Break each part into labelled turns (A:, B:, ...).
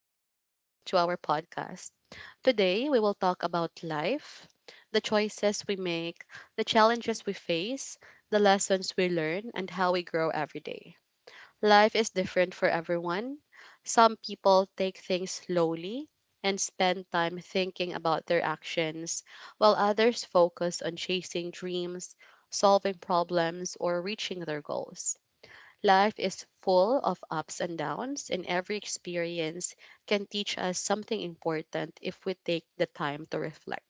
A: and welcome back to our podcast. Today, we will talk about life, the choices we make, the challenges we face, the lessons we learn, and how we grow every day. Life is different for everyone. Some people take things slowly and spend time thinking about their actions, while others focus on chasing dreams, solving problems, or reaching their goals. Life is full of ups and downs, and every experience can teach us something important if we take the time to reflect.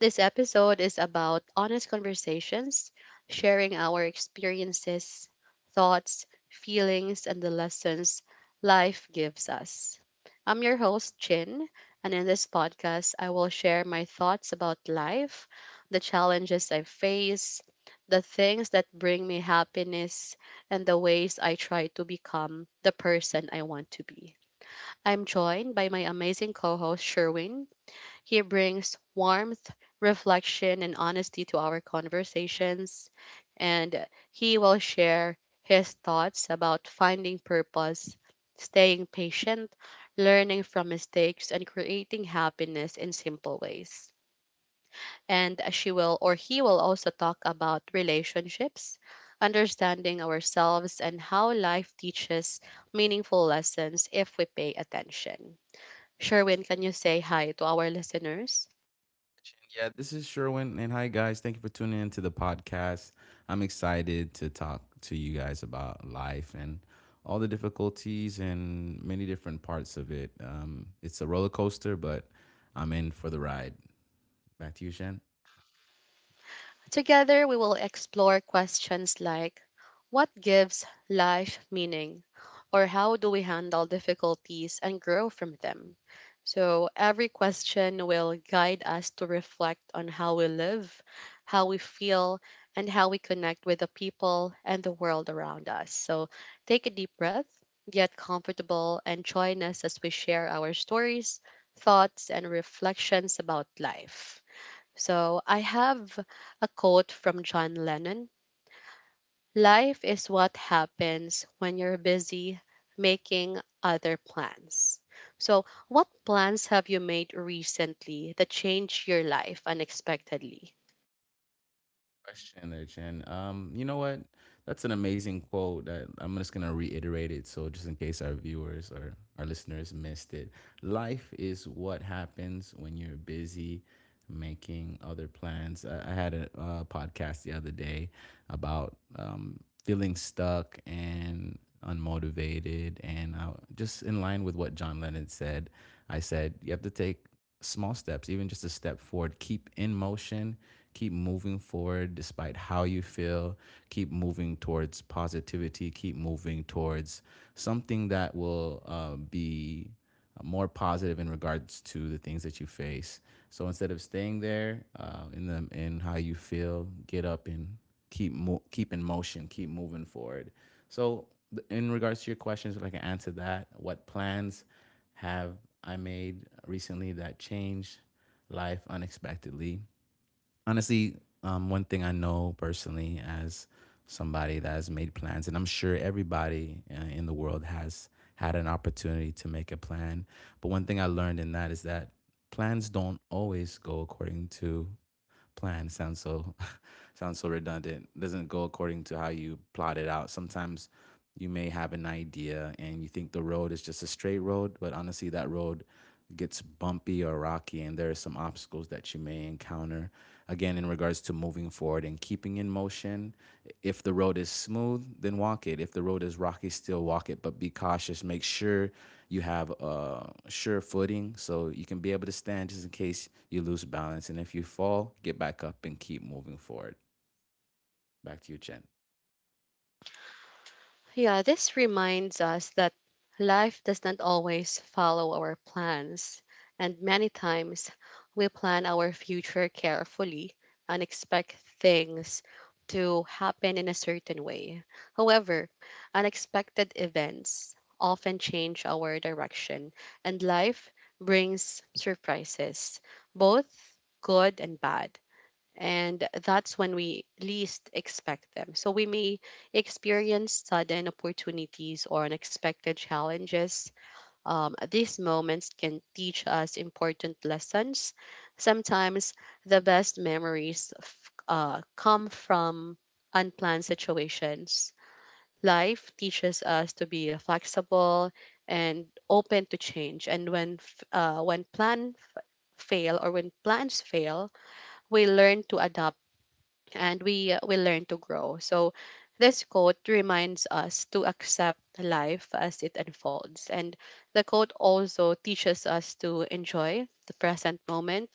A: This episode is about honest conversations, sharing our experiences, thoughts, feelings, and the lessons life gives us. I'm your host, Chin, and in this podcast, I will share my thoughts about life, the challenges I face, the things that bring me happiness, and the ways I try to become the person I want to be. I'm joined by my amazing co host, Sherwin. He brings warmth, reflection, and honesty to our conversations, and he will share his thoughts about finding purpose, staying patient, learning from mistakes, and creating happiness in simple ways. And she will or he will also talk about relationships, understanding ourselves, and how life teaches meaningful lessons if we pay attention. Sherwin, can you say hi to our listeners?
B: Yeah, this is Sherwin. And hi, guys. Thank you for tuning in to the podcast. I'm excited to talk to you guys about life and all the difficulties and many different parts of it. It's a roller coaster, but I'm in for the ride. Back to you, Shen.
A: Together, we will explore questions like what gives life meaning, or how do we handle difficulties and grow from them? So, every question will guide us to reflect on how we live, how we feel, and how we connect with the people and the world around us. So, take a deep breath, get comfortable, and join us as we share our stories, thoughts, and reflections about life. So I have a quote from John Lennon. Life is what happens when you're busy making other plans. So, what plans have you made recently that changed your life unexpectedly?
B: Question there, Chen. You know what? That's an amazing quote that I'm just gonna reiterate it so just in case our viewers or our listeners missed it. Life is what happens when you're busy making other plans. I had a podcast the other day about feeling stuck and unmotivated and just in line with what John Lennon said, I said you have to take small steps, even just a step forward. Keep in motion, keep moving forward despite how you feel, keep moving towards positivity, keep moving towards something that will be more positive in regards to the things that you face. So instead of staying there in the in how you feel, get up and keep in motion, keep moving forward. So in regards to your questions, if I can answer that, what plans have I made recently that changed life unexpectedly? Honestly, one thing I know personally as somebody that has made plans, and I'm sure everybody in the world has had an opportunity to make a plan. But one thing I learned in that is that plans don't always go according to plan sounds so sounds so redundant. Doesn't go according to how you plot it out. Sometimes you may have an idea and you think the road is just a straight road, but honestly that road gets bumpy or rocky and there are some obstacles that you may encounter again in regards to moving forward and keeping in motion. If the road is smooth, then walk it. If the road is rocky, still walk it, but be cautious. Make sure you have a sure footing, so you can be able to stand just in case you lose balance. And if you fall, get back up and keep moving forward. Back to you, Chen.
A: Yeah, this reminds us that life does not always follow our plans, and many times we plan our future carefully and expect things to happen in a certain way. However, unexpected events often change our direction, and life brings surprises, both good and bad, and that's when we least expect them. So we may experience sudden opportunities or unexpected challenges. These moments can teach us important lessons. Sometimes the best memories come from unplanned situations. Life teaches us to be flexible and open to change. And when fail or when plans fail, we learn to adapt and we will learn to grow. So this quote reminds us to accept life as it unfolds. And the quote also teaches us to enjoy the present moment.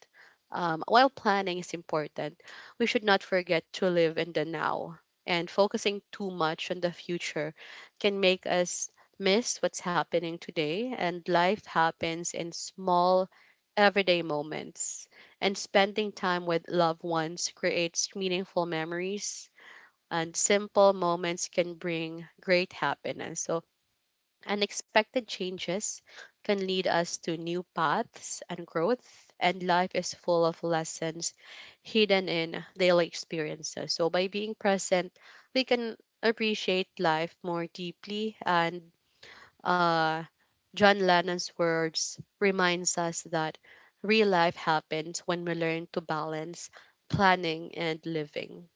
A: While planning is important, we should not forget to live in the now. And focusing too much on the future can make us miss what's happening today. And life happens in small, everyday moments, and spending time with loved ones creates meaningful memories, and simple moments can bring great happiness. So, unexpected changes can lead us to new paths and growth, and life is full of lessons hidden in daily experiences. So, by being present, we can appreciate life more deeply and uh, John Lennon's words reminds us that real life happens when we learn to balance planning and living.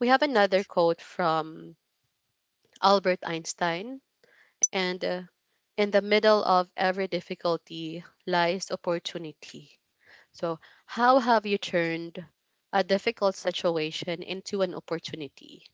A: We have another quote from Albert Einstein, and in the middle of every difficulty lies opportunity. So, how have you turned a difficult situation into an opportunity?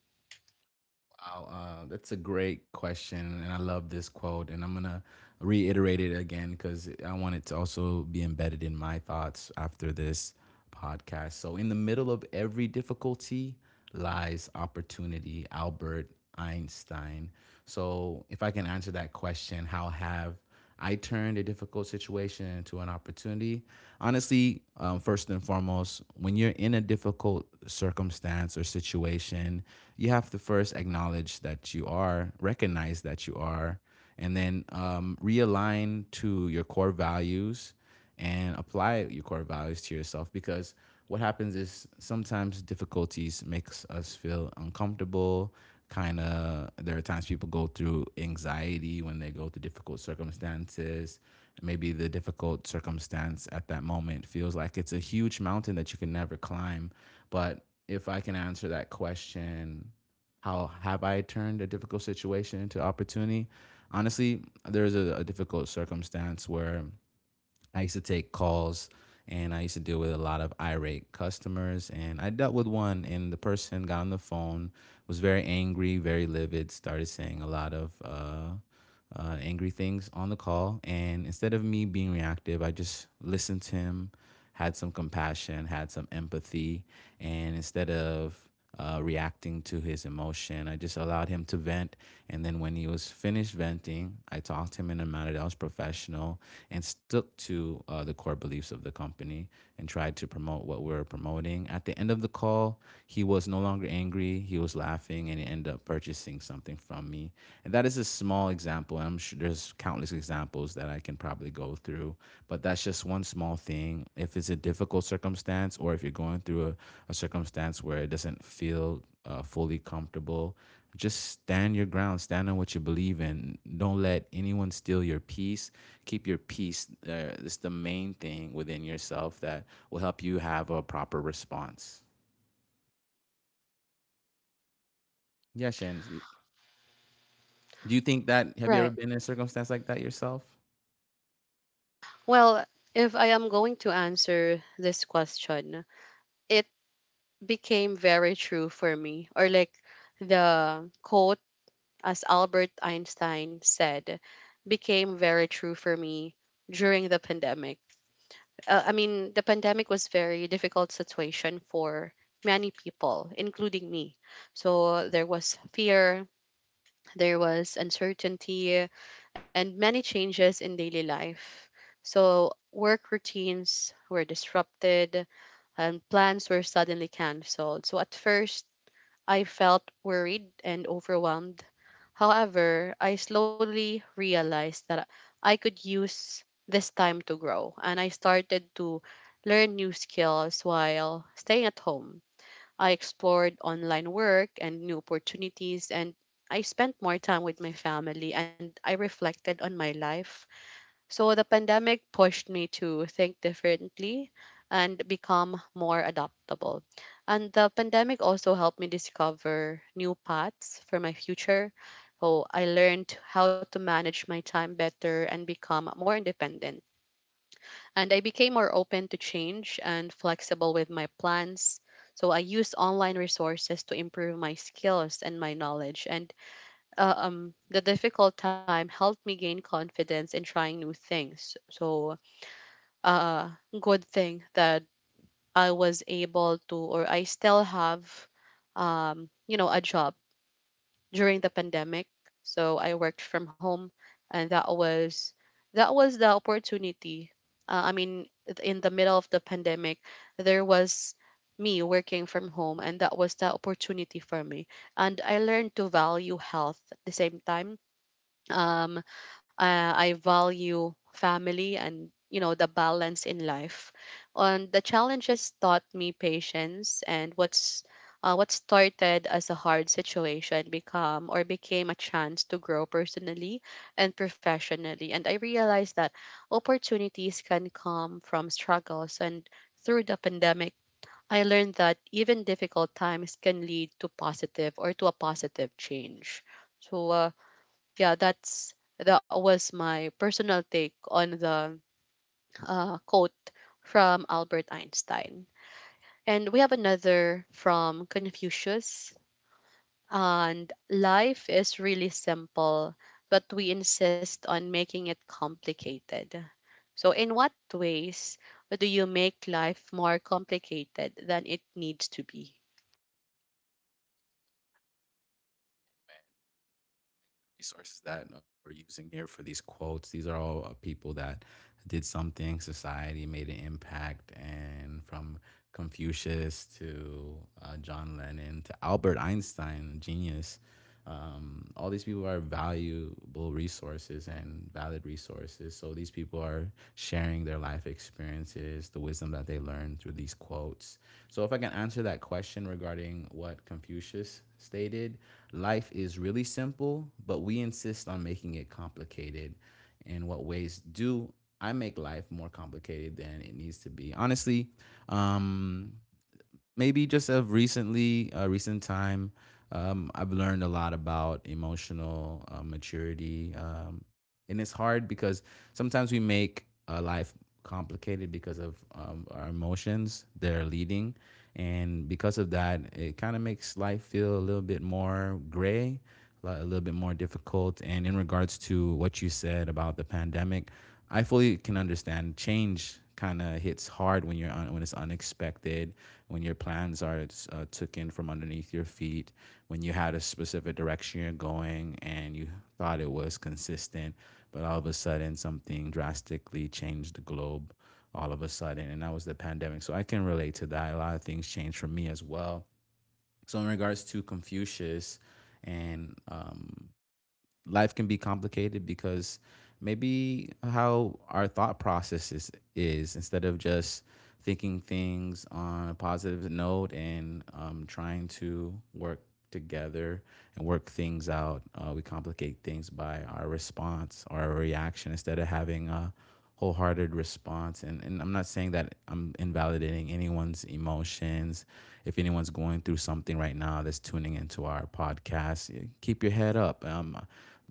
B: Wow, that's a great question, and I love this quote. And I'm gonna reiterate it again because I want it to also be embedded in my thoughts after this podcast. So, in the middle of every difficulty lies opportunity, Albert Einstein. So, if I can answer that question, how have I turned a difficult situation into an opportunity. Honestly, first and foremost, when you're in a difficult circumstance or situation, you have to first acknowledge that you are, recognize that you are, and then realign to your core values and apply your core values to yourself, because what happens is sometimes difficulties makes us feel uncomfortable. Kind of, there are times people go through anxiety when they go through difficult circumstances. Maybe the difficult circumstance at that moment feels like it's a huge mountain that you can never climb. But if I can answer that question, how have I turned a difficult situation into opportunity? Honestly, there was a difficult circumstance where I used to take calls and I used to deal with a lot of irate customers. And I dealt with one, and the person got on the phone, was very angry, very livid, started saying a lot of angry things on the call. And instead of me being reactive, I just listened to him, had some compassion, had some empathy, and instead of reacting to his emotion, I just allowed him to vent. And then when he was finished venting, I talked to him in a manner that was professional and stuck to the core beliefs of the company, and tried to promote what we were promoting. At the end of the call, he was no longer angry. He was laughing and he ended up purchasing something from me. And that is a small example. I'm sure there's countless examples that I can probably go through, but that's just one small thing. If it's a difficult circumstance or if you're going through a circumstance where it doesn't feel fully comfortable, just stand your ground, stand on what you believe in. Don't let anyone steal your peace, keep your peace. It's the main thing within yourself that will help you have a proper response. Yeah, Shen. Do you think that? Have
A: Right.
B: you ever been in a circumstance like that yourself?
A: Well, if I am going to answer this question, it became very true for me, or like the quote as Albert Einstein said became very true for me during the pandemic. I mean, the pandemic was very difficult situation for many people, including me. So there was fear, there was uncertainty, and many changes in daily life. So work routines were disrupted and plans were suddenly canceled. So at first I felt worried and overwhelmed. However, I slowly realized that I could use this time to grow, and I started to learn new skills while staying at home. I explored online work and new opportunities, and I spent more time with my family and I reflected on my life. So the pandemic pushed me to think differently and become more adaptable. And the pandemic also helped me discover new paths for my future. So I learned how to manage my time better and become more independent. And I became more open to change and flexible with my plans. So I used online resources to improve my skills and my knowledge. And the difficult time helped me gain confidence in trying new things. So uh good thing that I was able to, or I still have, you know, a job during the pandemic. So I worked from home, and that was the opportunity. I mean in the middle of the pandemic there was me working from home, and that was the opportunity for me, and I learned to value health at the same time. um I value family and, you know, the balance in life. And the challenges taught me patience, and what's what started as a hard situation become or became a chance to grow personally and professionally. And I realized that opportunities can come from struggles, and through the pandemic I learned that even difficult times can lead to positive, or to a positive change. So yeah, that's that was my personal take on the quote from Albert Einstein. And we have another from Confucius. And life is really simple, but we insist on making it complicated. So, in what ways do you make life more complicated than it needs to be?
B: Man, resources that we're using here for these quotes. These are all people that did something, society made an impact, and from Confucius to John Lennon to Albert Einstein, genius. All these people are valuable resources and valid resources. So these people are sharing their life experiences, the wisdom that they learn through these quotes. So if I can answer that question regarding what Confucius stated, life is really simple, but we insist on making it complicated. In what ways do I make life more complicated than it needs to be? Honestly, um, maybe just of recently, recent time, I've learned a lot about emotional maturity. And it's hard because sometimes we make life complicated because of our emotions they're leading, and because of that, it kind of makes life feel a little bit more gray, a little bit more difficult. And in regards to what you said about the pandemic, I fully can understand change kind of hits hard when when it's unexpected, when your plans are taken from underneath your feet, when you had a specific direction you're going and you thought it was consistent, but all of a sudden something drastically changed the globe all of a sudden, and that was the pandemic. So I can relate to that. A lot of things changed for me as well. So in regards to Confucius, and life can be complicated because maybe how our thought processes is instead of just thinking things on a positive note and trying to work together and work things out, we complicate things by our response or our reaction instead of having a wholehearted response. And I'm not saying that I'm invalidating anyone's emotions. If anyone's going through something right now that's tuning into our podcast, keep your head up.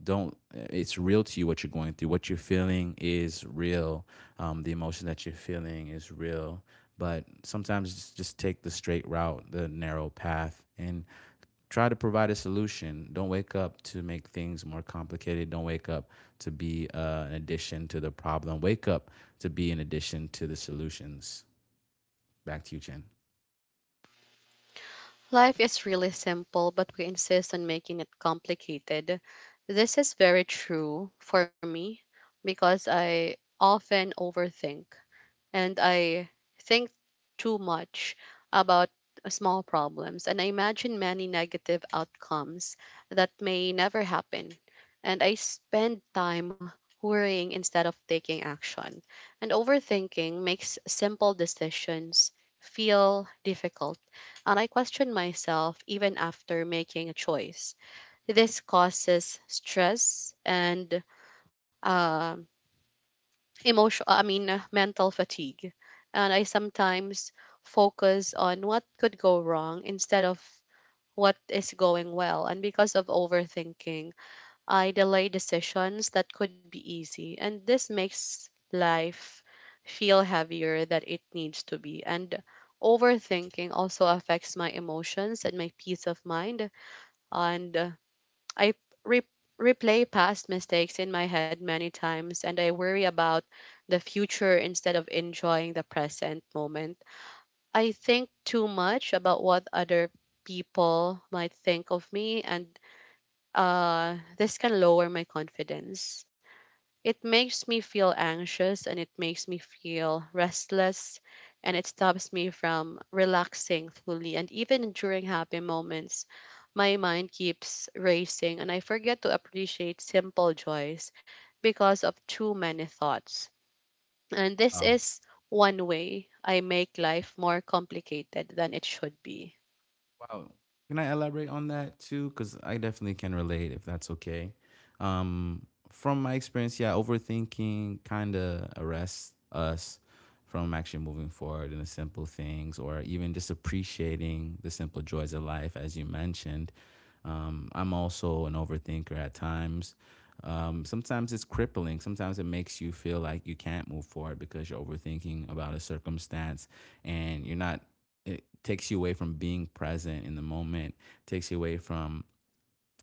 B: Don't it's real to you. What you're going through, what you're feeling is real. The emotion that you're feeling is real, but sometimes just take the straight route, the narrow path, and try to provide a solution. Don't wake up to make things more complicated. Don't wake up to be an addition to the problem. Wake up to be an addition to the solutions. Back to you, Chen.
A: Life is really simple, but we insist on making it complicated. This is very true for me because I often overthink, and I think too much about small problems, and I imagine many negative outcomes that may never happen. And I spend time worrying instead of taking action. And overthinking makes simple decisions feel difficult. And I question myself even after making a choice. This causes stress and um emotional, I mean mental fatigue. And I sometimes focus on what could go wrong instead of what is going well, and because of overthinking I delay decisions that could be easy, and this makes life feel heavier than it needs to be. And overthinking also affects my emotions and my peace of mind, and I re- replay past mistakes in my head many times, and I worry about the future instead of enjoying the present moment. I think too much about what other people might think of me, and this can lower my confidence. It makes me feel anxious and it makes me feel restless, and it stops me from relaxing fully. And even during happy moments, my mind keeps racing and I forget to appreciate simple joys because of too many thoughts. And this
B: Wow.
A: is one way I make life more complicated than it should be.
B: Wow. Can I elaborate on that too? Because I definitely can relate if that's okay. From my experience, yeah, overthinking kind of arrests us from actually moving forward in the simple things or even just appreciating the simple joys of life, as you mentioned. I'm also an overthinker at times. Sometimes it's crippling. Sometimes it makes you feel like you can't move forward because you're overthinking about a circumstance and you're not, it takes you away from being present in the moment, takes you away from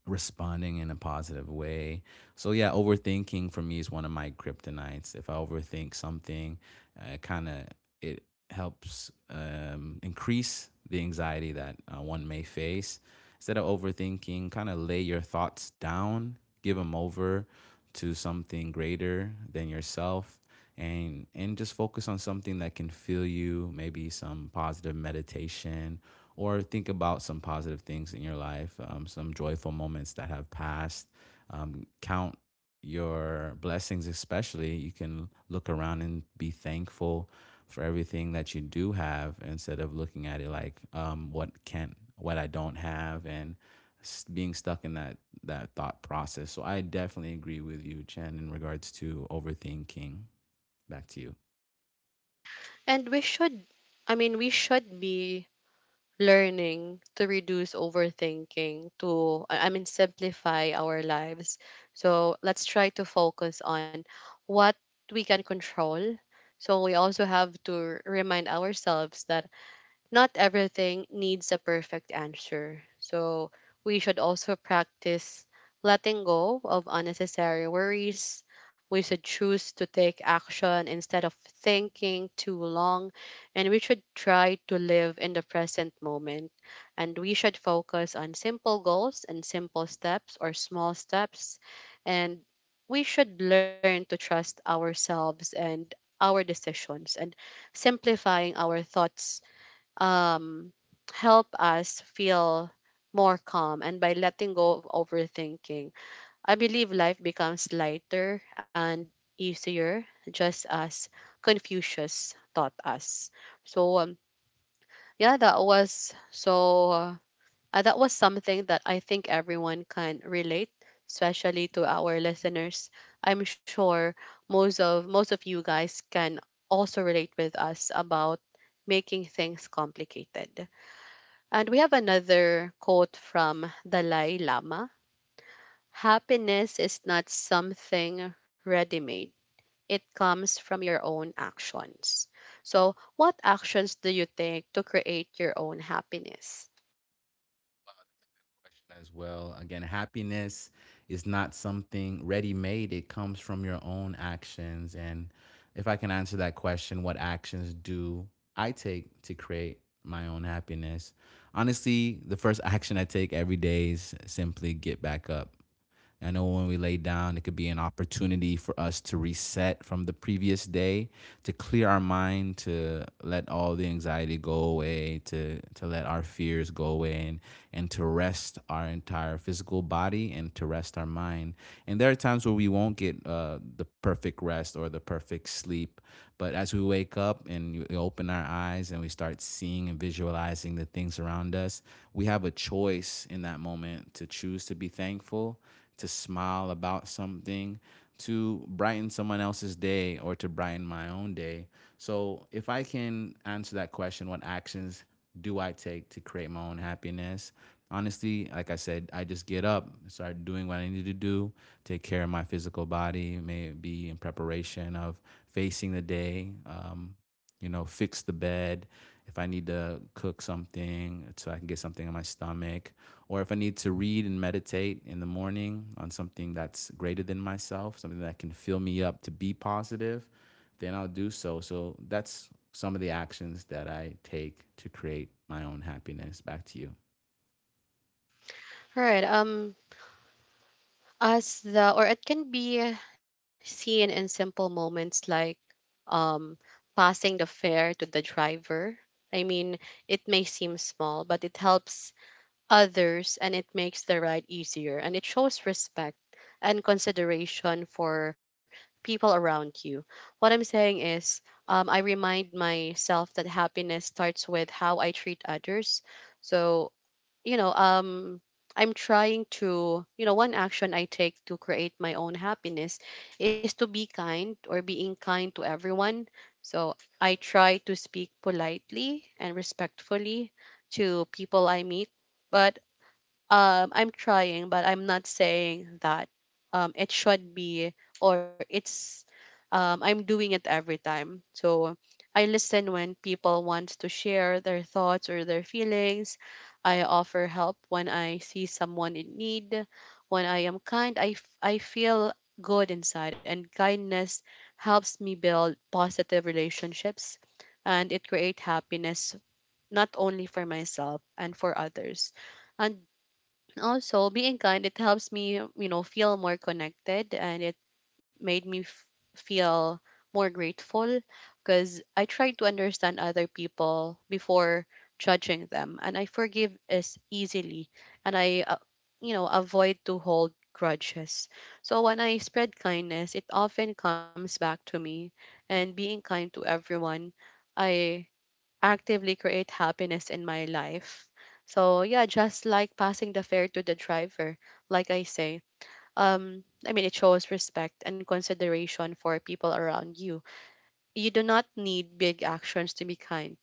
B: responding in a positive way. So yeah, overthinking for me is one of my kryptonites. If I overthink something, kind of it helps increase the anxiety that one may face. Instead of overthinking, kind of lay your thoughts down, give them over to something greater than yourself. And just focus on something that can fill you, maybe some positive meditation or think about some positive things in your life, some joyful moments that have passed. Count your blessings, especially. You can look around and be thankful for everything that you do have instead of looking at it like what I don't have, and being stuck in that thought process. So I definitely agree with you, Chen, in regards to overthinking. Back to you.
A: And we should, I mean, we should be learning to reduce overthinking to I mean simplify our lives. So let's try to focus on what we can control. So we also have to remind ourselves that not everything needs a perfect answer. So we should also practice letting go of unnecessary worries. We should choose to take action instead of thinking too long. And we should try to live in the present moment. And we should focus on simple goals and simple steps or small steps. And we should learn to trust ourselves and our decisions, and simplifying our thoughts um, help us feel more calm, and by letting go of overthinking I believe life becomes lighter and easier, just as Confucius taught us. So yeah, that was so that was something that I think everyone can relate, especially to our listeners. I'm sure most of you guys can also relate with us about making things complicated. And we have another quote from Dalai Lama. Happiness is not something ready made, it comes from your own actions. So, what actions do you take to create your own happiness?
B: Question as well. Again, happiness is not something ready made, it comes from your own actions. And if I can answer that question, what actions do I take to create my own happiness? Honestly, the first action I take every day is simply get back up. I know when we lay down, it could be an opportunity for us to reset from the previous day, to clear our mind, to let all the anxiety go away, to let our fears go away, and to rest our entire physical body and to rest our mind. And there are times where we won't get the perfect rest or the perfect sleep. But as we wake up and we open our eyes and we start seeing and visualizing the things around us, we have a choice in that moment to choose to be thankful, to smile about something, to brighten someone else's day, or to brighten my own day. So, if I can answer that question, what actions do I take to create my own happiness? Honestly, like I said, I just get up, start doing what I need to do, take care of my physical body, maybe in preparation of facing the day. Fix the bed, if I need to cook something so I can get something in my stomach, or if I need to read and meditate in the morning on something that's greater than myself, something that can fill me up to be positive, then I'll do so. So that's some of the actions that I take to create my own happiness. Back to you.
A: All right. As the, or it can be seen in simple moments like um, passing the fare to the driver. I mean, it may seem small, but it helps others and it makes the ride easier, and it shows respect and consideration for people around you. What I'm saying is, I remind myself that happiness starts with how I treat others. So, you know, I'm trying to, you know, one action I take to create my own happiness is to be kind, or being kind to everyone. So I try to speak politely and respectfully to people I meet, but I'm trying, but I'm not saying that it should be or it's I'm doing it every time. So I listen when people want to share their thoughts or their feelings. I offer help when I see someone in need. When I am kind, I feel good inside, and kindness helps me build positive relationships and it create happiness, not only for myself and for others. And also, being kind, it helps me, feel more connected, and it made me f- feel more grateful, because I try to understand other people before judging them, and I forgive as easily, and I avoid to hold grudges. So when I spread kindness, it often comes back to me, and being kind to everyone, I actively create happiness in my life. So yeah, just like passing the fare to the driver, like I say, I mean, it shows respect and consideration for people around you. You do not need big actions to be kind.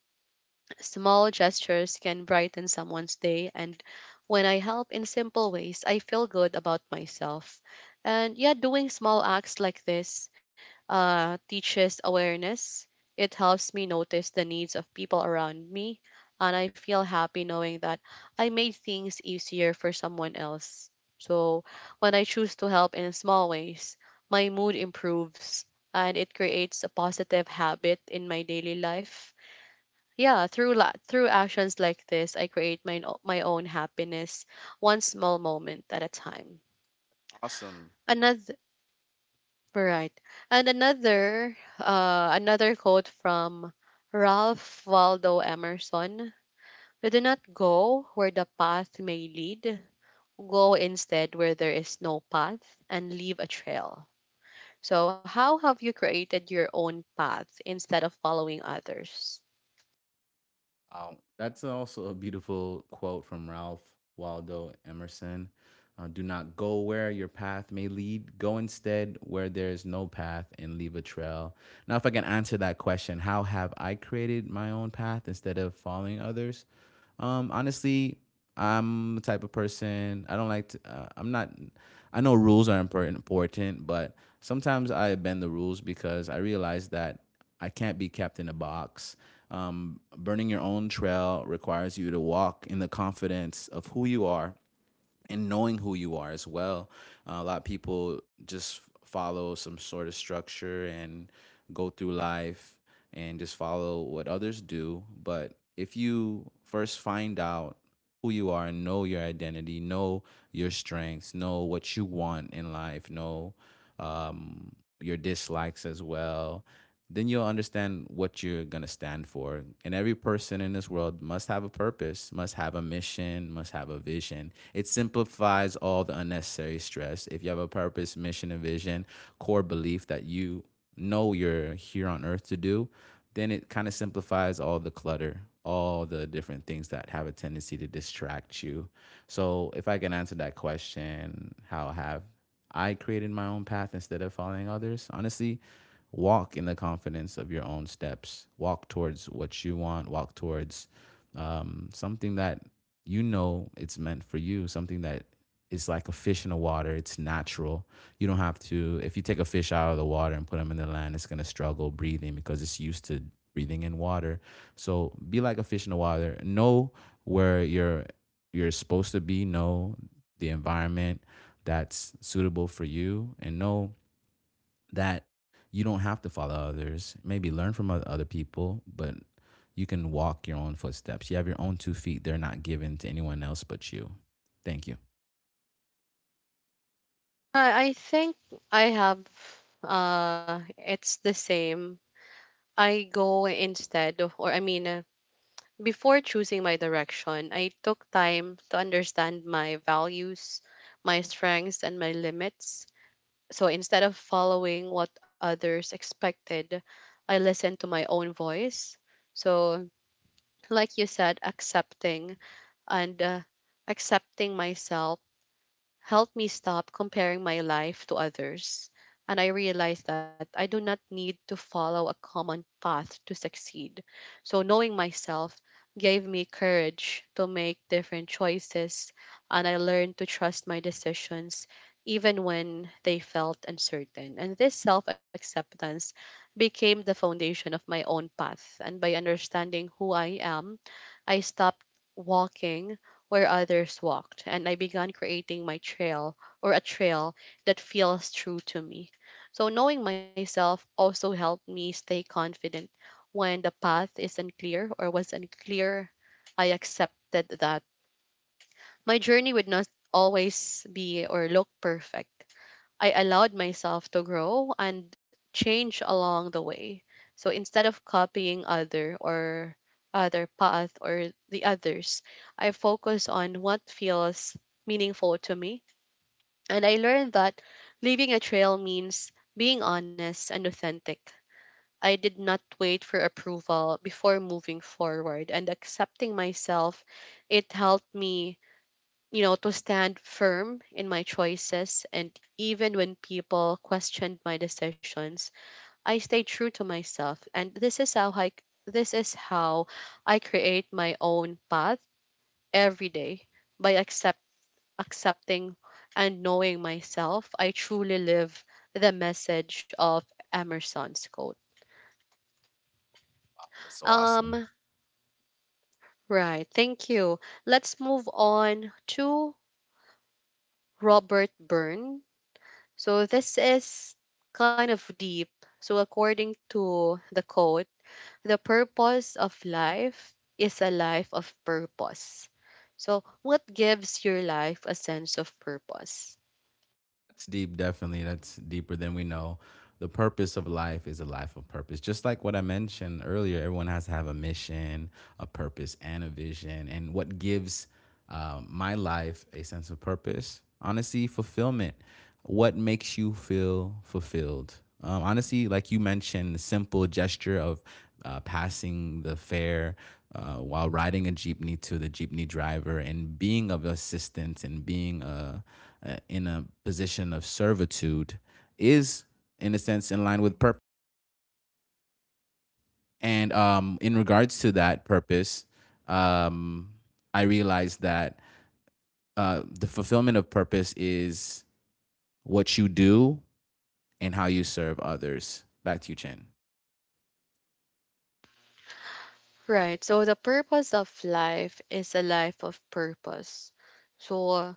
A: Small gestures can brighten someone's day, and when I help in simple ways, I feel good about myself. And yeah, doing small acts like this teaches awareness. It helps me notice the needs of people around me, and I feel happy knowing that I made things easier for someone else. So when I choose to help in small ways, my mood improves and it creates a positive habit in my daily life. Yeah, through through actions like this, I create my own happiness, one small moment at a time.
B: Awesome.
A: Another right, and another another quote from Ralph Waldo Emerson: "We do not go where the path may lead; go instead where there is no path, and leave a trail." So, how have you created your own path instead of following others?
B: Wow. That's also a beautiful quote from Ralph Waldo Emerson. Do not go where your path may lead. Go instead where there is no path and leave a trail. Now, if I can answer that question, how have I created my own path instead of following others? Honestly, I'm the type of person I don't like to. I'm not. I know rules are important, but sometimes I bend the rules because I realize that I can't be kept in a box. Burning your own trail requires you to walk in the confidence of who you are and knowing who you are as well. A lot of people just follow some sort of structure and go through life and just follow what others do. But if you first find out who you are, know your identity, know your strengths, know what you want in life, know um, your dislikes as well, then you'll understand what you're going to stand for. And every person in this world must have a purpose, must have a mission, must have a vision. It simplifies all the unnecessary stress. If you have a purpose, mission, and vision, core belief that you know you're here on earth to do, then it kind of simplifies all the clutter, all the different things that have a tendency to distract you. So, if I can answer that question, how have I created my own path instead of following others? Honestly, walk in the confidence of your own steps. Walk towards what you want. Walk towards something that you know it's meant for you. Something that is like a fish in the water. It's natural. You don't have to. If you take a fish out of the water and put them in the land, it's gonna struggle breathing because it's used to breathing in water. So be like a fish in the water. Know where you're supposed to be. Know the environment that's suitable for you and know that you don't have to follow others. Maybe learn from other people, but you can walk your own footsteps. You have your own 2 feet. They're not given to anyone else but you. Thank you.
A: I think I have, it's the same. I go instead of, or I mean, before choosing my direction, I took time to understand my values, my strengths, and my limits. So instead of following what others expected, I listened to my own voice. So, like you said, accepting and accepting myself helped me stop comparing my life to others, and I realized that I do not need to follow a common path to succeed. So, knowing myself gave me courage to make different choices, and I learned to trust my decisions even when they felt uncertain. And this self acceptance became the foundation of my own path. And by understanding who I am, I stopped walking where others walked, and I began creating my trail, or a trail that feels true to me. So, knowing myself also helped me stay confident when the path is unclear, or was unclear. I accepted that my journey would not always be or look perfect. I allowed myself to grow and change along the way. So instead of copying other, or other path, or the others, I focus on what feels meaningful to me. And I learned that leaving a trail means being honest and authentic. I did not wait for approval before moving forward, and accepting myself, it helped me, to stand firm in my choices. And even when people questioned my decisions, I stayed true to myself. And this is this is how I create my own path every day by accepting and knowing myself. I truly live the message of Emerson's quote.
B: Oh, that's so awesome.
A: Um, right. Thank you. Let's move on to Robert Burns. So this is kind of deep. So according to the quote, the purpose of life is a life of purpose. So what gives your life a sense of purpose?
B: It's deep, definitely. That's deeper than we know. The purpose of life is a life of purpose. Just like what I mentioned earlier, everyone has to have a mission, a purpose, and a vision. And what gives my life a sense of purpose? Honestly, fulfillment. What makes you feel fulfilled? Honestly, like you mentioned, the simple gesture of passing the fare while riding a jeepney to the jeepney driver and being of assistance and being in a position of servitude is, in a sense, in line with purpose. And in regards to that purpose, um, I realized that the fulfillment of purpose is what you do and how you serve others. Back to you, Chen.
A: Right. So the purpose of life is a life of purpose. So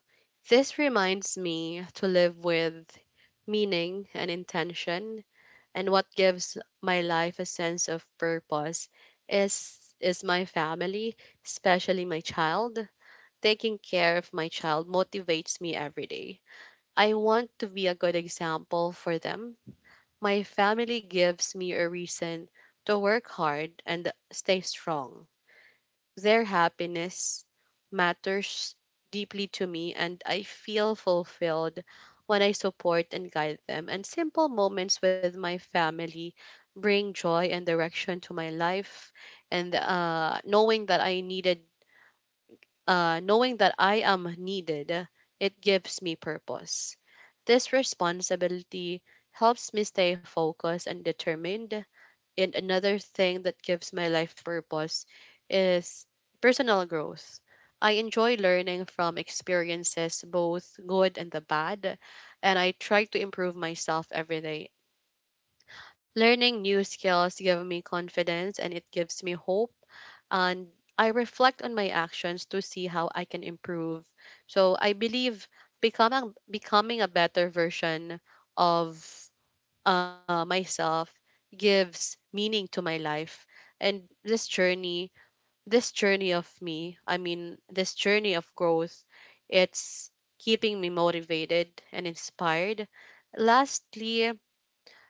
A: this reminds me to live with meaning and intention, and what gives my life a sense of purpose is my family, especially my child. Taking care of my child motivates me every day. I want to be a good example for them. My family gives me a reason to work hard and stay strong. Their happiness matters deeply to me, and I feel fulfilled when I support and guide them. And simple moments with my family bring joy and direction to my life. And knowing that I am needed, it gives me purpose. This responsibility helps me stay focused and determined, and another thing that gives my life purpose is personal growth. I enjoy learning from experiences, both good and the bad, and I try to improve myself every day. Learning new skills give me confidence and it gives me hope, and I reflect on my actions to see how I can improve. So I believe becoming a better version of, myself gives meaning to my life, and this journey of growth, it's keeping me motivated and inspired. Lastly,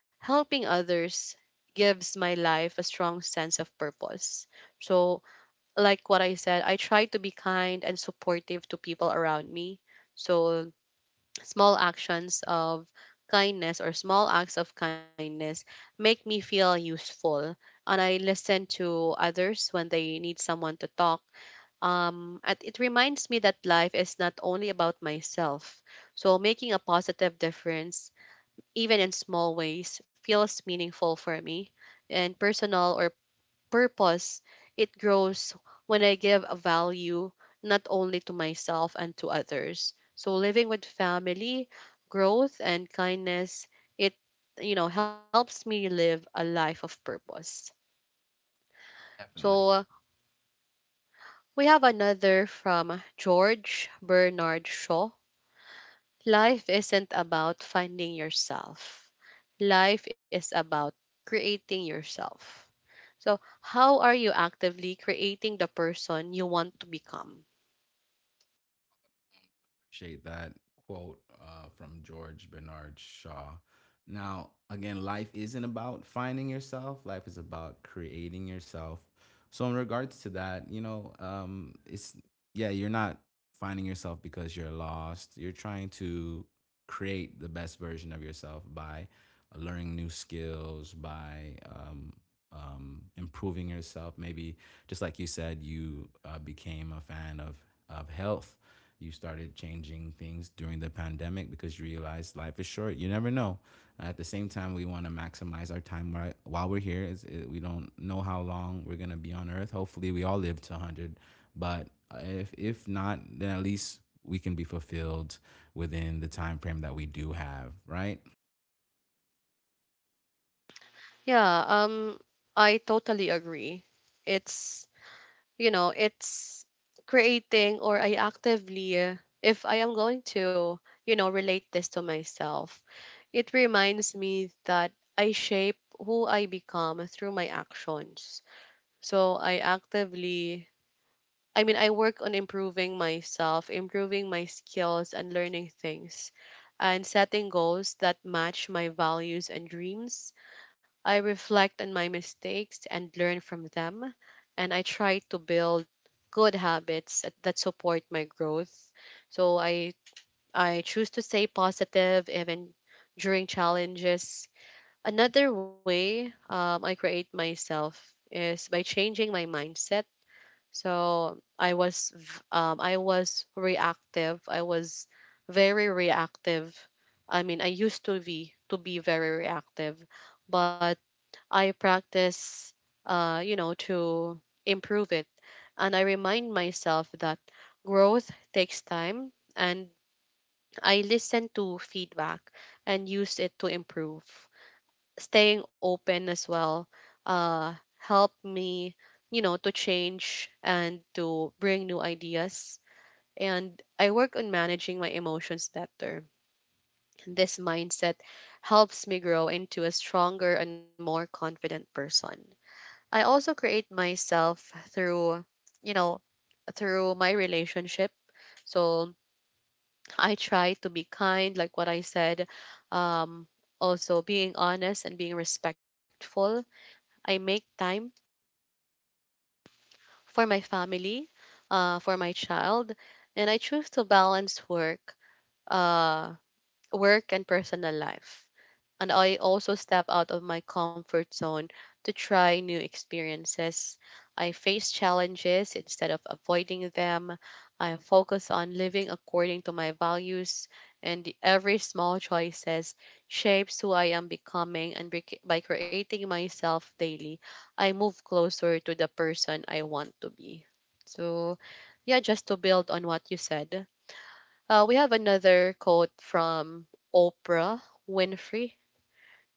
A: helping others gives my life a strong sense of purpose. So, like what I said, I try to be kind and supportive to people around me. So, small actions of kindness, or small acts of kindness, make me feel useful, and I listen to others when they need someone to talk. And it reminds me that life is not only about myself. So making a positive difference even in small ways feels meaningful for me. And personal, or purpose, it grows when I give a value, not only to myself and to others. So living with family, growth, and kindness, it, helps me live a life of purpose.
B: Definitely.
A: So we have another from George Bernard Shaw. Life isn't about finding yourself. Life is about creating yourself. So, how are you actively creating the person you want to become?
B: Appreciate that quote from George Bernard Shaw. Now, again, life isn't about finding yourself, life is about creating yourself. So, in regards to that, it's yeah, you're not finding yourself because you're lost. You're trying to create the best version of yourself by learning new skills, by improving yourself. Maybe just like you said, you became a fan of health. You started changing things during the pandemic because you realized life is short. You never know. At the same time, we want to maximize our time right while we're here. We don't know how long we're gonna be on Earth. Hopefully, we all live to 100. But if not, then at least we can be fulfilled within the time frame that we do have, right?
A: Yeah, I totally agree. It's, it's creating, or I actively, if I am going to, relate this to myself, it reminds me that I shape who I become through my actions. So I actively, I mean, I work on improving myself, improving my skills, and learning things, and setting goals that match my values and dreams. I reflect on my mistakes and learn from them, and I try to build good habits that support my growth. So I choose to stay positive even during challenges. Another way I create myself is by changing my mindset. So I was reactive. I was very reactive. I mean, I used to be very reactive, but I practice, to improve it. And I remind myself that growth takes time, and I listen to feedback and use it to improve. Staying open as well uh, help me, to change and to bring new ideas. And I work on managing my emotions better. This mindset helps me grow into a stronger and more confident person. I also create myself through, you know, through my relationship. So I try to be kind, like what I said. Um, also being honest and being respectful. I make time for my family, for my child, and I choose to balance uh, work and personal life. And I also step out of my comfort zone to try new experiences. I face challenges instead of avoiding them. I focus on living according to my values, and every small choices shapes who I am becoming. And by creating myself daily, I move closer to the person I want to be. So, yeah, just to build on what you said, we have another quote from Oprah Winfrey: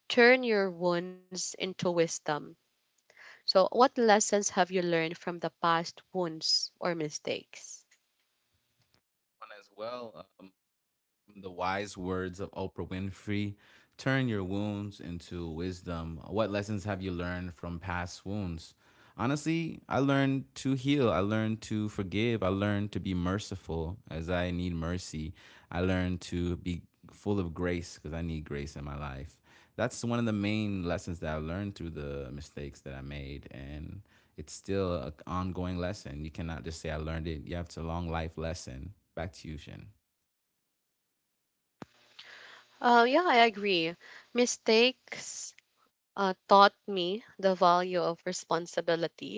A: turn your wounds into wisdom. So, what lessons have you learned from the past wounds or mistakes?
B: As well, from the wise words of Oprah Winfrey, turn your wounds into wisdom. What lessons have you learned from past wounds? Honestly, I learned to heal. I learned to forgive. I learned to be merciful as I need mercy. I learned to be full of grace because I need grace in my life. That's one of the main lessons that I learned through the mistakes that I made. And it's still an ongoing lesson. You cannot just say, I learned it. You have to long life lesson. Back to you, Shin.
A: Yeah, I agree. Mistakes taught me the value of responsibility,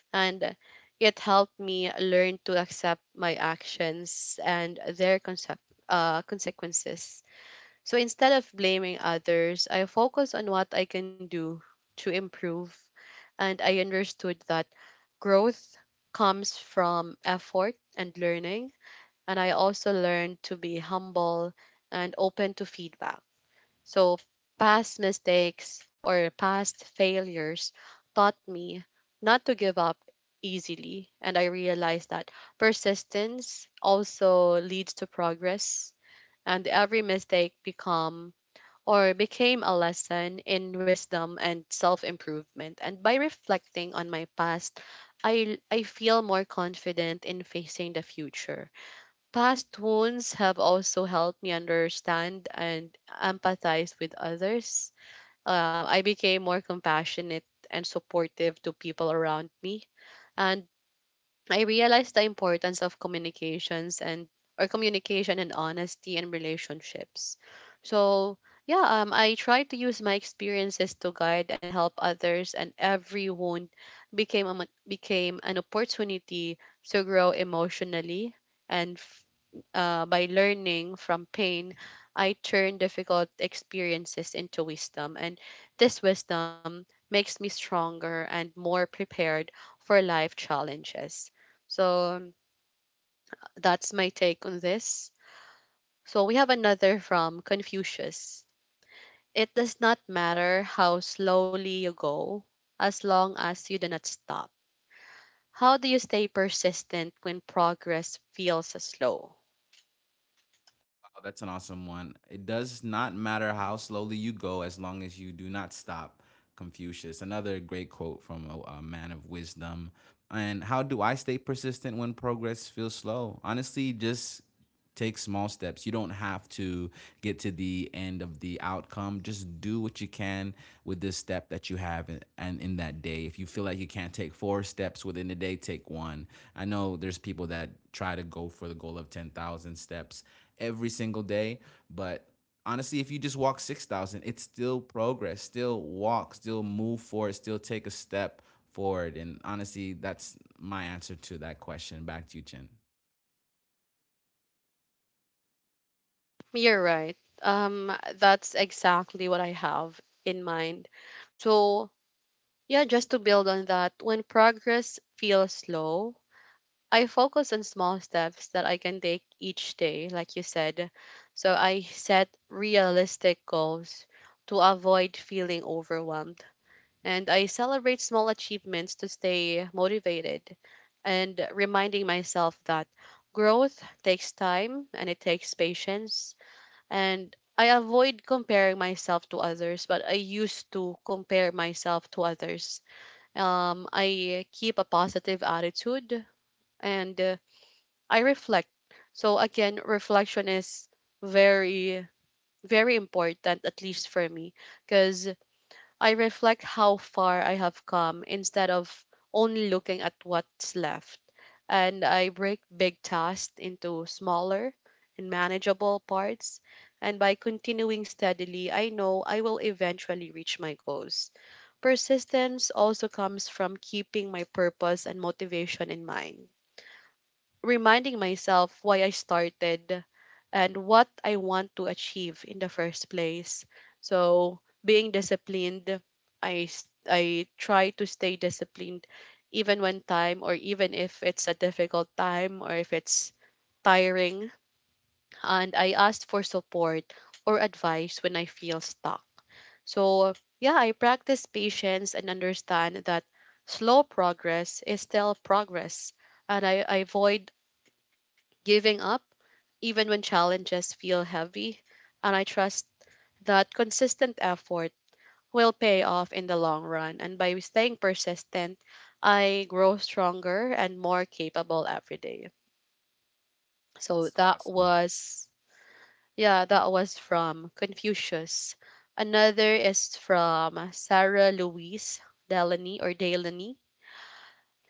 A: and it helped me learn to accept my actions and their consequences. So instead of blaming others, I focus on what I can do to improve. And I understood that growth comes from effort and learning, and I also learned to be humble and open to feedback. So, past mistakes or past failures taught me not to give up easily, and I realized that persistence also leads to progress, and every mistake become or became a lesson in wisdom and self improvement. And by reflecting on my past, I feel more confident in facing the future. Past wounds have also helped me understand and empathize with others. I became more compassionate and supportive to people around me. And I realized the importance of communication and honesty in relationships. So yeah, I tried to use my experiences to guide and help others, and every wound became an opportunity to grow emotionally, and by learning from pain, I turn difficult experiences into wisdom. And this wisdom makes me stronger and more prepared for life challenges. So that's my take on this. So we have another from Confucius. It does not matter how slowly you go, as long as you do not stop. How do you stay persistent when progress feels so slow?
B: Wow, that's an awesome one. It does not matter how slowly you go as long as you do not stop. Confucius. Another great quote from a man of wisdom. And how do I stay persistent when progress feels slow? Honestly, just take small steps. You don't have to get to the end of the outcome. Just do what you can with this step that you have in, and in that day. If you feel like you can't take four steps within the day, take one. I know there's people that try to go for the goal of 10,000 steps every single day. But honestly, if you just walk 6,000, it's still progress, still walk, still move forward, still take a step forward. And honestly, that's my answer to that question. Back to you, Chin.
A: You're right. That's exactly what I have in mind. So, yeah, just to build on that, when progress feels slow, I focus on small steps that I can take each day, like you said. So, I set realistic goals to avoid feeling overwhelmed. And I celebrate small achievements to stay motivated and reminding myself that growth takes time and it takes patience, and I avoid comparing myself to others, but I used to compare myself to others. I keep a positive attitude and I reflect. So, again, reflection is very, very important, at least for me, because I reflect how far I have come instead of only looking at what's left. And I break big tasks into smaller and manageable parts. And by continuing steadily, I know I will eventually reach my goals. Persistence also comes from keeping my purpose and motivation in mind, reminding myself why I started and what I want to achieve in the first place. So, being disciplined, I try to stay disciplined even when time or even if it's a difficult time or if it's tiring, and I ask for support or advice when I feel stuck. So, yeah, I practice patience and understand that slow progress is still progress, and I avoid giving up, even when challenges feel heavy, and I trust that consistent effort will pay off in the long run. And by staying persistent, I grow stronger and more capable every day. So
B: That's so
A: that
B: awesome.
A: was, yeah, that was from Confucius. Another is from Sarah Louise Delany or Delany.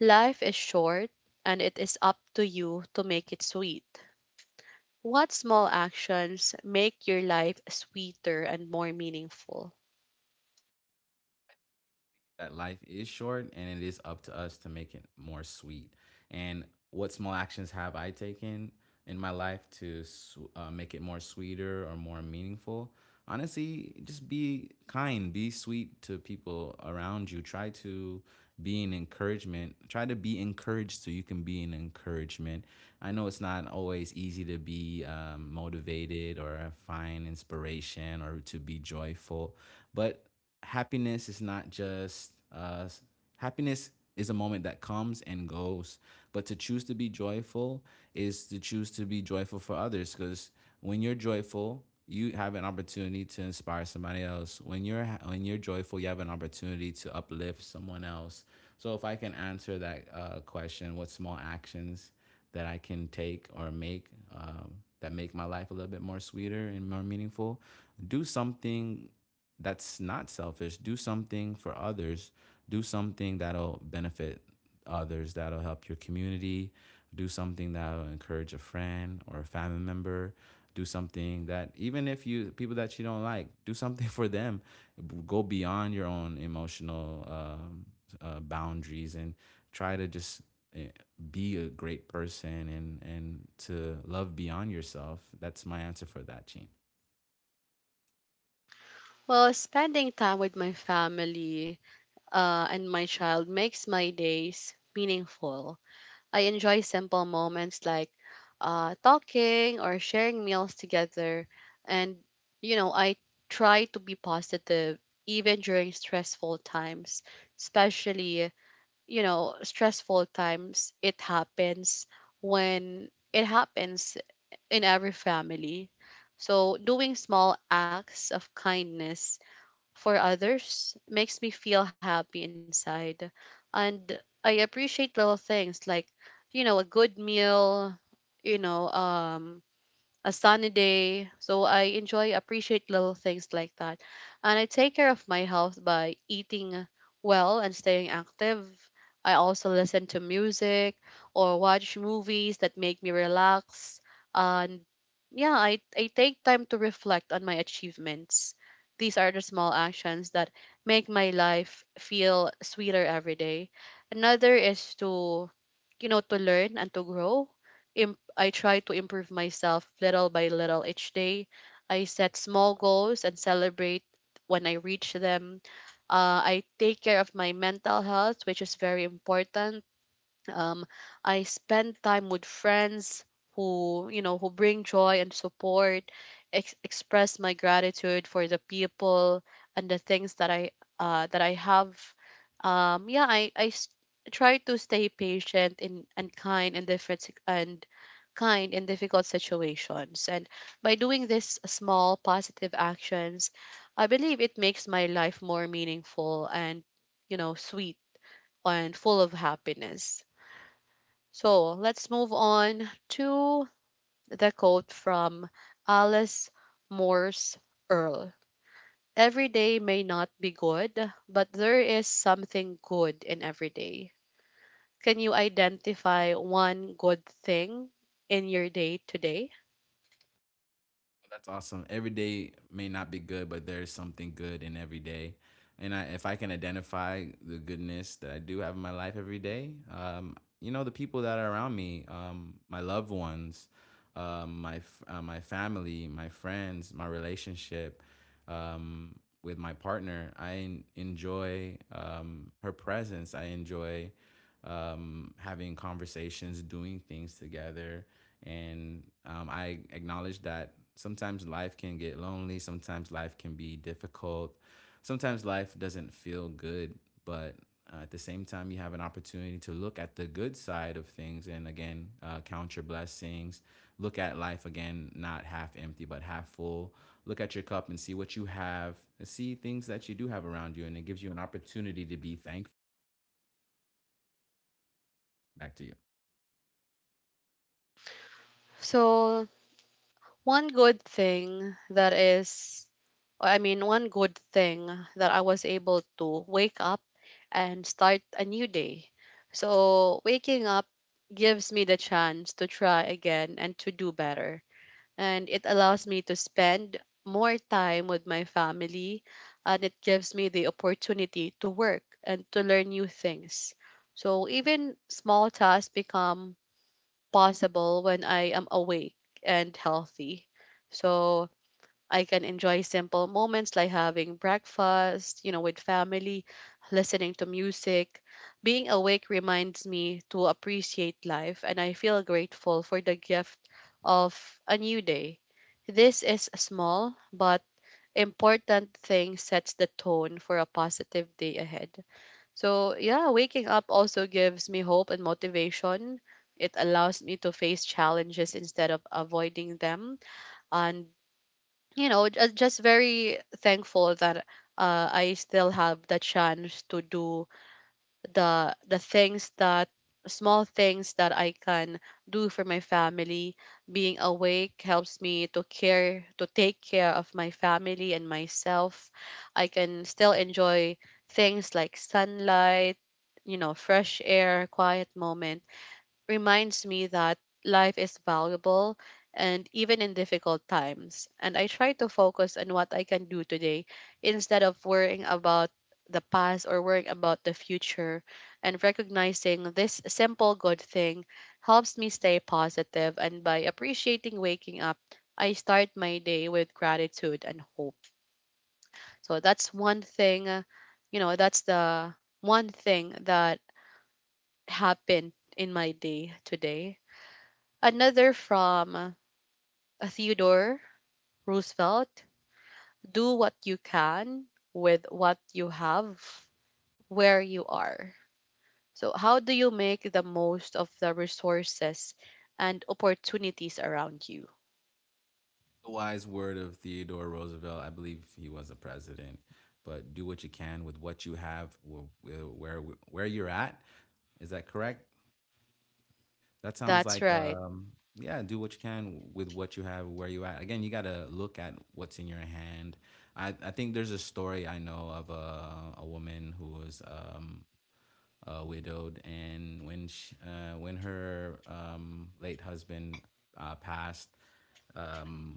A: Life is short, and it is up to you to make it sweet. What small actions make your life sweeter and more meaningful?
B: That life is short and it is up to us to make it more sweet. And what small actions have I taken in my life to make it more sweeter or more meaningful? Honestly, just be kind, be sweet to people around you. Try to be an encouragement. Try to be encouraged so you can be an encouragement. I know it's not always easy to be motivated or find inspiration or to be joyful, but happiness is not just happiness is a moment that comes and goes. But to choose to be joyful is to choose to be joyful for others. Because when you're joyful, you have an opportunity to inspire somebody else. When you're joyful, you have an opportunity to uplift someone else. So if I can answer that question, what small actions that I can take or make um, that make my life a little bit more sweeter and more meaningful? Do something that's not selfish. Do something for others. Do something that'll benefit others, that'll help your community. Do something that'll encourage a friend or a family member. Do something that even if you people that you don't like, do something for them. Go beyond your own emotional boundaries and try to just uh, be a great person and to love beyond yourself. That's my answer for that, Gene.
A: Well, spending time with my family and my child makes my days meaningful. I enjoy simple moments like talking or sharing meals together. And, you know, I try to be positive even during stressful times, especially, you know, stressful times. It happens when it happens in every family. So, doing small acts of kindness for others makes me feel happy inside. And I appreciate little things like, you know, a good meal, you know, a sunny day. So I enjoy appreciate little things like that. And I take care of my health by eating well and staying active. I also listen to music or watch movies that make me relax. And yeah, I take time to reflect on my achievements. These are the small actions that make my life feel sweeter every day. Another is to, you know, to learn and to grow. I try to improve myself little by little each day. I set small goals and celebrate when I reach them. I take care of my mental health, which is very important. um, I spend time with friends who, you know, who bring joy and support, express my gratitude for the people and the things that I have. Yeah, try to stay patient in and kind in different sit- and kind in difficult situations, and by doing this small positive actions, I believe it makes my life more meaningful and, you know, sweet and full of happiness. So let's move on to the quote from Alice Morse Earl. Every day may not be good, but there is something good in every day. Can you identify one good thing in your day today?
B: That's awesome. Every day may not be good, but there's something good in every day. And I, if I can identify the goodness that I do have in my life every day, you know, the people that are around me, my loved ones, my family, my friends, my relationship um, with my partner, I enjoy her presence. I enjoy having conversations, doing things together. And I acknowledge that sometimes life can get lonely, sometimes life can be difficult, sometimes life doesn't feel good, but at the same time, you have an opportunity to look at the good side of things and again, count your blessings. Look at life again, not half empty, but half full. Look at your cup and see what you have, see things that you do have around you, and it gives you an opportunity to be thankful. Back to you.
A: So, One good thing that is one good thing, that I was able to wake up and start a new day. So, waking up gives me the chance to try again and to do better. And it allows me to spend more time with my family. And it gives me the opportunity to work and to learn new things. So, even small tasks become possible when I am awake and healthy. So I can enjoy simple moments like having breakfast, you know, with family, listening to music. Being awake reminds me to appreciate life, and I feel grateful for the gift of a new day. This is a small but important thing, sets the tone for a positive day ahead. So, yeah, waking up also gives me hope and motivation. It allows me to face challenges instead of avoiding them. And, you know, just very thankful that I still have the chance to do the things that small things that I can do for my family. Being awake helps me to care to take care of my family and myself. I can still enjoy things like sunlight, you know, fresh air, quiet moment, reminds me that life is valuable and even in difficult times. And I try to focus on what I can do today instead of worrying about the past or worrying about the future. And recognizing this simple good thing helps me stay positive. And by appreciating waking up, I start my day with gratitude and hope. So that's one thing, you know, that's the one thing that happened in my day today. Another from Theodore Roosevelt: do what you can with what you have where you are. So, how do you make the most of the resources and opportunities around you?
B: The wise word of Theodore Roosevelt. I believe he was a president. But do what you can with what you have, where you're at. Is that correct? That sounds
A: That's
B: like
A: right.
B: yeah. Do what you can with what you have, where you at. Again, you gotta look at what's in your hand. I think there's a story I know of a woman who was widowed, and when when her late husband passed, um,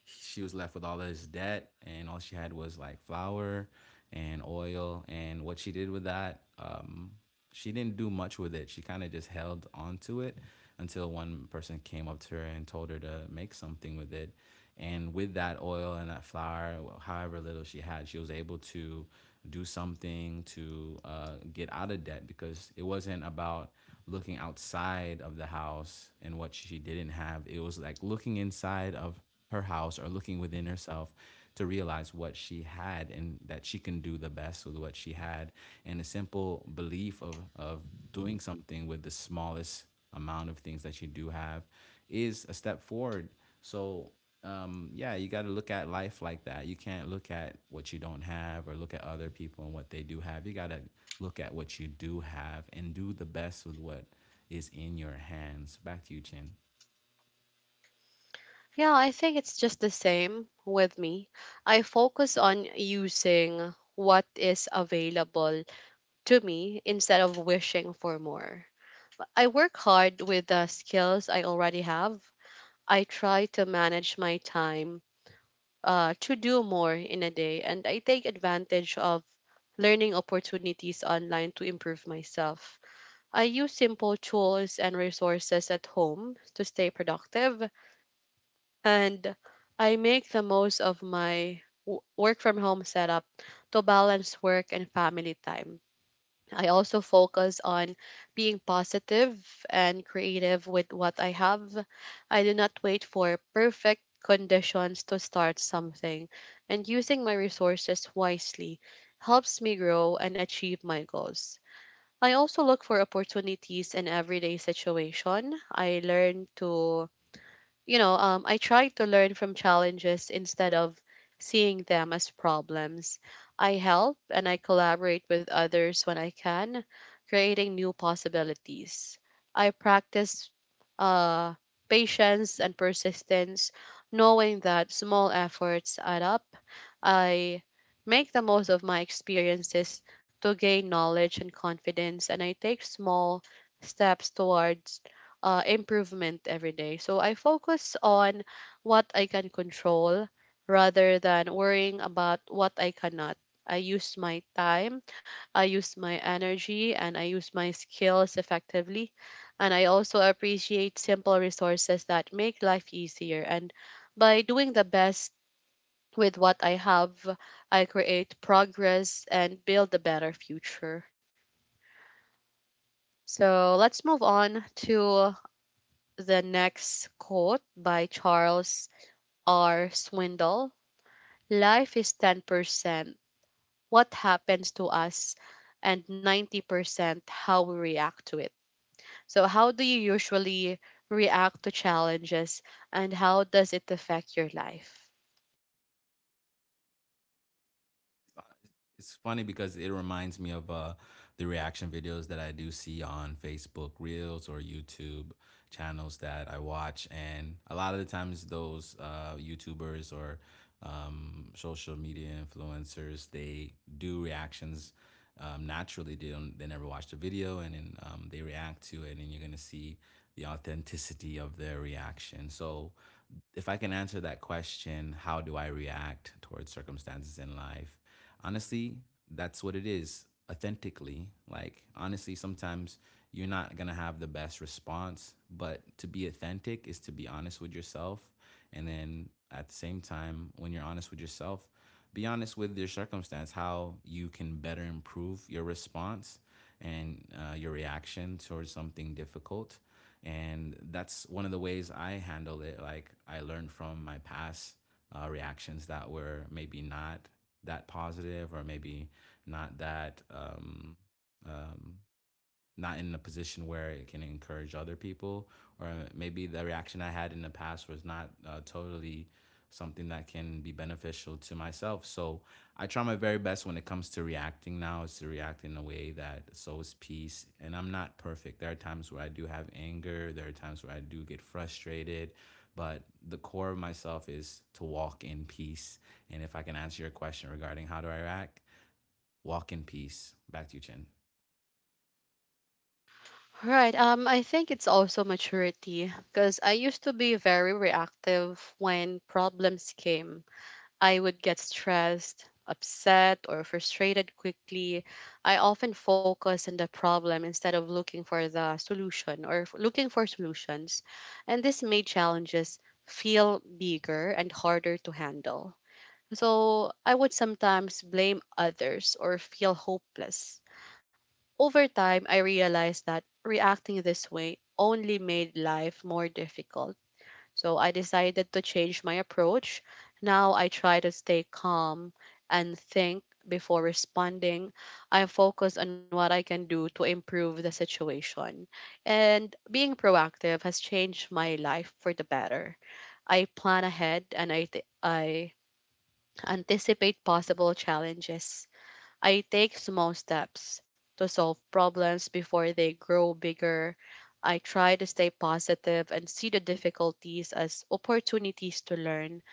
B: she was left with all of this debt, and all she had was like flour and oil. And what she did with that, she didn't do much with it. She kind of just held onto it until one person came up to her and told her to make something with it. And with that oil and that flour, however little she had, she was able to do something to get out of debt because it wasn't about looking outside of the house and what she didn't have. It was like looking inside of her house or looking within herself to realize what she had and that she can do the best with what she had. And a simple belief of doing something with the smallest amount of things that you do have is a step forward. So, yeah, you got to look at life like that. You can't look at what you don't have or look at other people and what they do have. You got to look at what you do have and do the best with what is in your hands. Back to you, Chin.
A: Yeah, I think it's just the same with me. I focus on using what is available to me instead of wishing for more. I work hard with the skills I already have. I try to manage my time to do more in a day, and I take advantage of learning opportunities online to improve myself. I use simple tools and resources at home to stay productive, and I make the most of my work from home setup to balance work and family time. I also focus on being positive and creative with what I have. I do not wait for perfect conditions to start something, and using my resources wisely helps me grow and achieve my goals. I also look for opportunities in everyday situation. I learn to, you know, I try to learn from challenges instead of seeing them as problems. I help and I collaborate with others when I can, creating new possibilities. I practice uh, patience and persistence, knowing that small efforts add up. I make the most of my experiences to gain knowledge and confidence, and I take small steps towards improvement every day. So I focus on what I can control rather than worrying about what I cannot. I use my time, I use my energy, and I use my skills effectively. And I also appreciate simple resources that make life easier. And by doing the best with what I have, I create progress and build a better future. So let's move on to the next quote by Charles R. Swindoll: life is 10% what happens to us and 90% how we react to it. So, how do you usually react to challenges and how does it affect your life?
B: It's funny because it reminds me of the reaction videos that I do see on Facebook Reels or YouTube channels that I watch, and a lot of the times those YouTubers or social media influencers they do reactions naturally. They never watch the video, and then they react to it, and you're gonna see the authenticity of their reaction. So if I can answer that question, how do I react towards circumstances in life? Honestly, that's what it is authentically. Like, honestly, sometimes you're not going to have the best response, but to be authentic is to be honest with yourself. And then at the same time, when you're honest with yourself, be honest with your circumstance, how you can better improve your response and your reaction towards something difficult. And that's one of the ways I handle it. Like, I learned from my past reactions that were maybe not that positive or maybe not that um, not in a position where it can encourage other people, or maybe the reaction I had in the past was not totally something that can be beneficial to myself. So I try my very best when it comes to reacting now is to react in a way that sows peace. And I'm not perfect. There are times where I do have anger, there are times where I do get frustrated, but the core of myself is to walk in peace. And if I can answer your question regarding how do I react, walk in peace. Back to you, Chin.
A: Right. I think it's also maturity because I used to be very reactive when problems came. I would get stressed, upset, or frustrated quickly. I often focus on the problem instead of looking for the solution or looking for solutions. And this made challenges feel bigger and harder to handle. So I would sometimes blame others or feel hopeless. Over time, I realized that reacting this way only made life more difficult, so I decided to change my approach. Now I try to stay calm and think before responding. I focus on what I can do to improve the situation. And being proactive has changed my life for the better. I plan ahead, and I anticipate possible challenges. I take small steps to solve problems before they grow bigger. I try to stay positive and see the difficulties as opportunities to learn.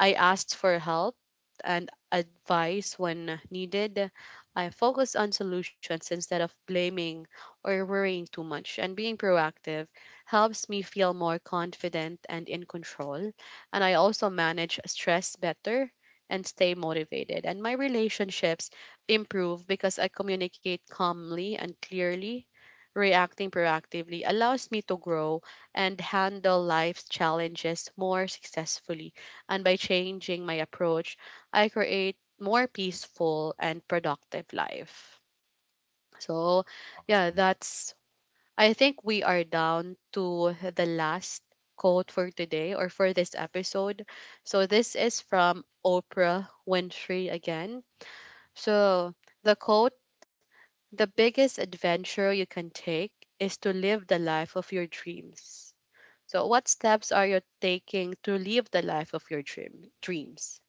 A: I asked for help and advice when needed. I focused on solutions instead of blaming or worrying too much, and being proactive helps me feel more confident and in control. And I also manage stress better and stay motivated. And my relationships improve because I communicate calmly and clearly. Reacting proactively allows me to grow and handle life's challenges more successfully. And by changing my approach, I create more peaceful and productive life. So, yeah,
B: Awesome.
A: that's, I think we are down to the last quote for today or for this episode. So this is from Oprah Winfrey again. So, the quote, the biggest adventure you can take is to live the life of your dreams. So, what steps are you taking to live the life of your dreams?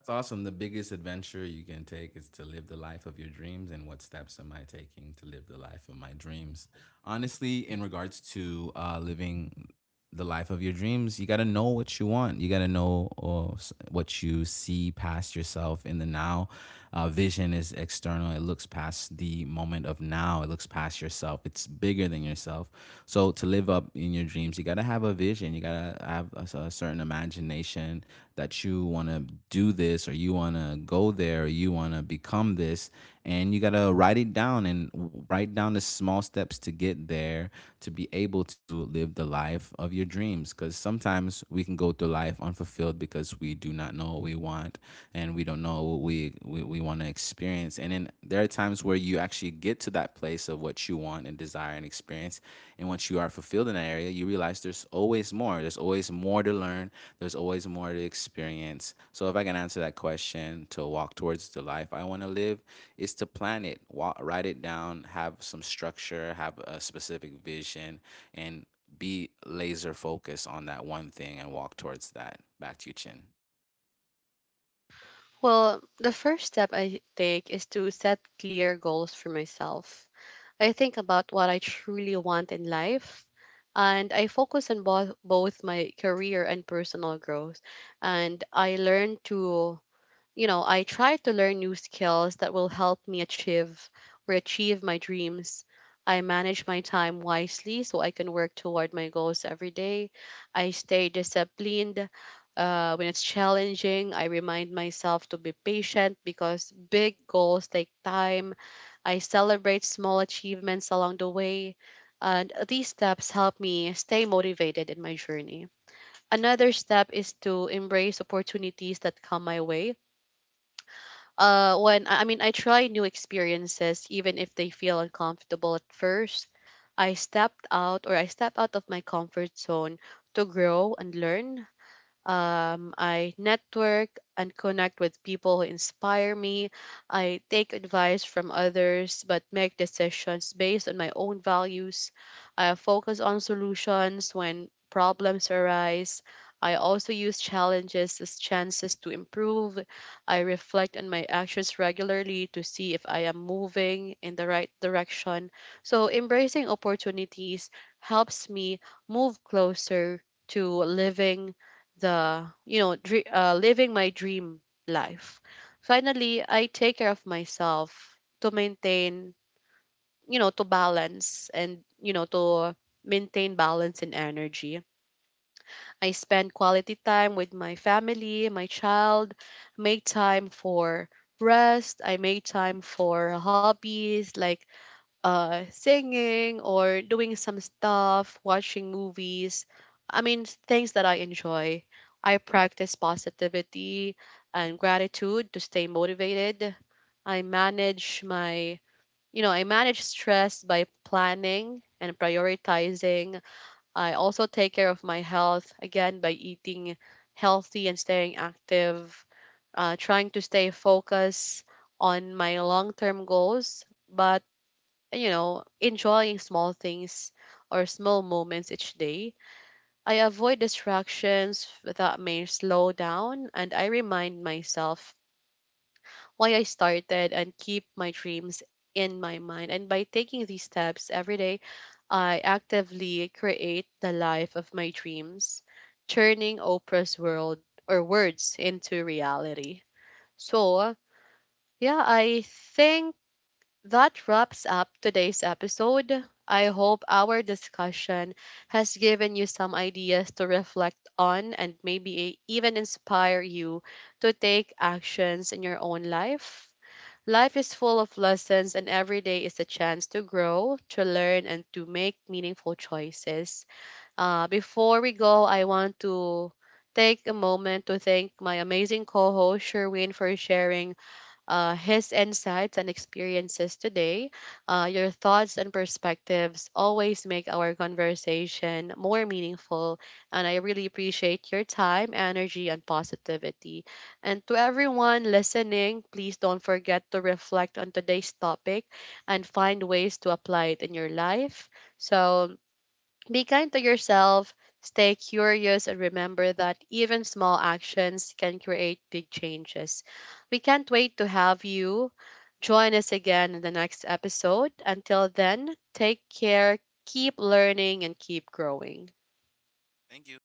B: That's awesome. The biggest adventure you can take is to live the life of your dreams. And what steps am I taking to live the life of my dreams? Honestly, in regards to living the life of your dreams, you got to know what you want. You got to know what you see past yourself in the now. Vision is external, it looks past the moment of now, it looks past yourself. It's bigger than yourself. So, to live up in your dreams, you got to have a vision. You got to have a certain imagination that you want to do this or you want to go there, or you want to become this, and you got to write it down and write down the small steps to get there to be able to live the life of your dreams. Because sometimes we can go through life unfulfilled because we do not know what we want and we don't know what we want to experience. And then there are times where you actually get to that place of what you want and desire and experience, and once you are fulfilled in that area, you realize there's always more. There's always more to learn. There's always more to experience. So if I can answer that question to walk towards the life I want to live, is to plan it, walk, write it down, have some structure, have a specific vision, and be laser focused on that one thing and walk towards that. Back to you, Chin.
A: Well, the first step I take is to set clear goals for myself. I think about what I truly want in life, and I focus on both my career and personal growth. And I learn to, you know, I try to learn new skills that will help me achieve my dreams. I manage my time wisely so I can work toward my goals every day. I stay disciplined when it's challenging. I remind myself to be patient because big goals take time. I celebrate small achievements along the way. And these steps help me stay motivated in my journey. Another step is to embrace opportunities that come my way, when I mean I try new experiences even if they feel uncomfortable at first. I step out of my comfort zone to grow and learn. I network and connect with people who inspire me. I take advice from others but make decisions based on my own values. I focus on solutions when problems arise. I also use challenges as chances to improve. I reflect on my actions regularly to see if I am moving in the right direction. So, embracing opportunities helps me move closer to living the, you know dre living my dream life. Finally, I take care of myself to maintain, you know, to maintain balance and energy. I spend quality time with my family, my child, make time for rest. I make time for hobbies like singing or doing some stuff, watching movies. I mean, things that I enjoy. I practice positivity and gratitude to stay motivated. I manage my, you know, I manage stress by planning and prioritizing. I also take care of my health again by eating healthy and staying active, trying to stay focused on my long term goals. But, you know, enjoying small things or small moments each day. I avoid distractions that may slow down, and I remind myself why I started and keep my dreams in my mind. And by taking these steps every day, I actively create the life of my dreams, turning Oprah's world or words into reality. So, yeah, I think, that wraps up today's episode. I hope our discussion has given you some ideas to reflect on and maybe even inspire you to take actions in your own life. Life is full of lessons, and every day is a chance to grow, to learn, and to make meaningful choices. Before we go, I want to take a moment to thank my amazing co host, Sherwin, for sharing his insights and experiences today. Your thoughts and perspectives always make our conversation more meaningful, and I really appreciate your time, energy, and positivity. And to everyone listening, please don't forget to reflect on today's topic and find ways to apply it in your life. So, be kind to yourself, stay curious, and remember that even small actions can create big changes. We can't wait to have you join us again in the next episode. Until then, take care, keep learning, and keep growing.
B: Thank you.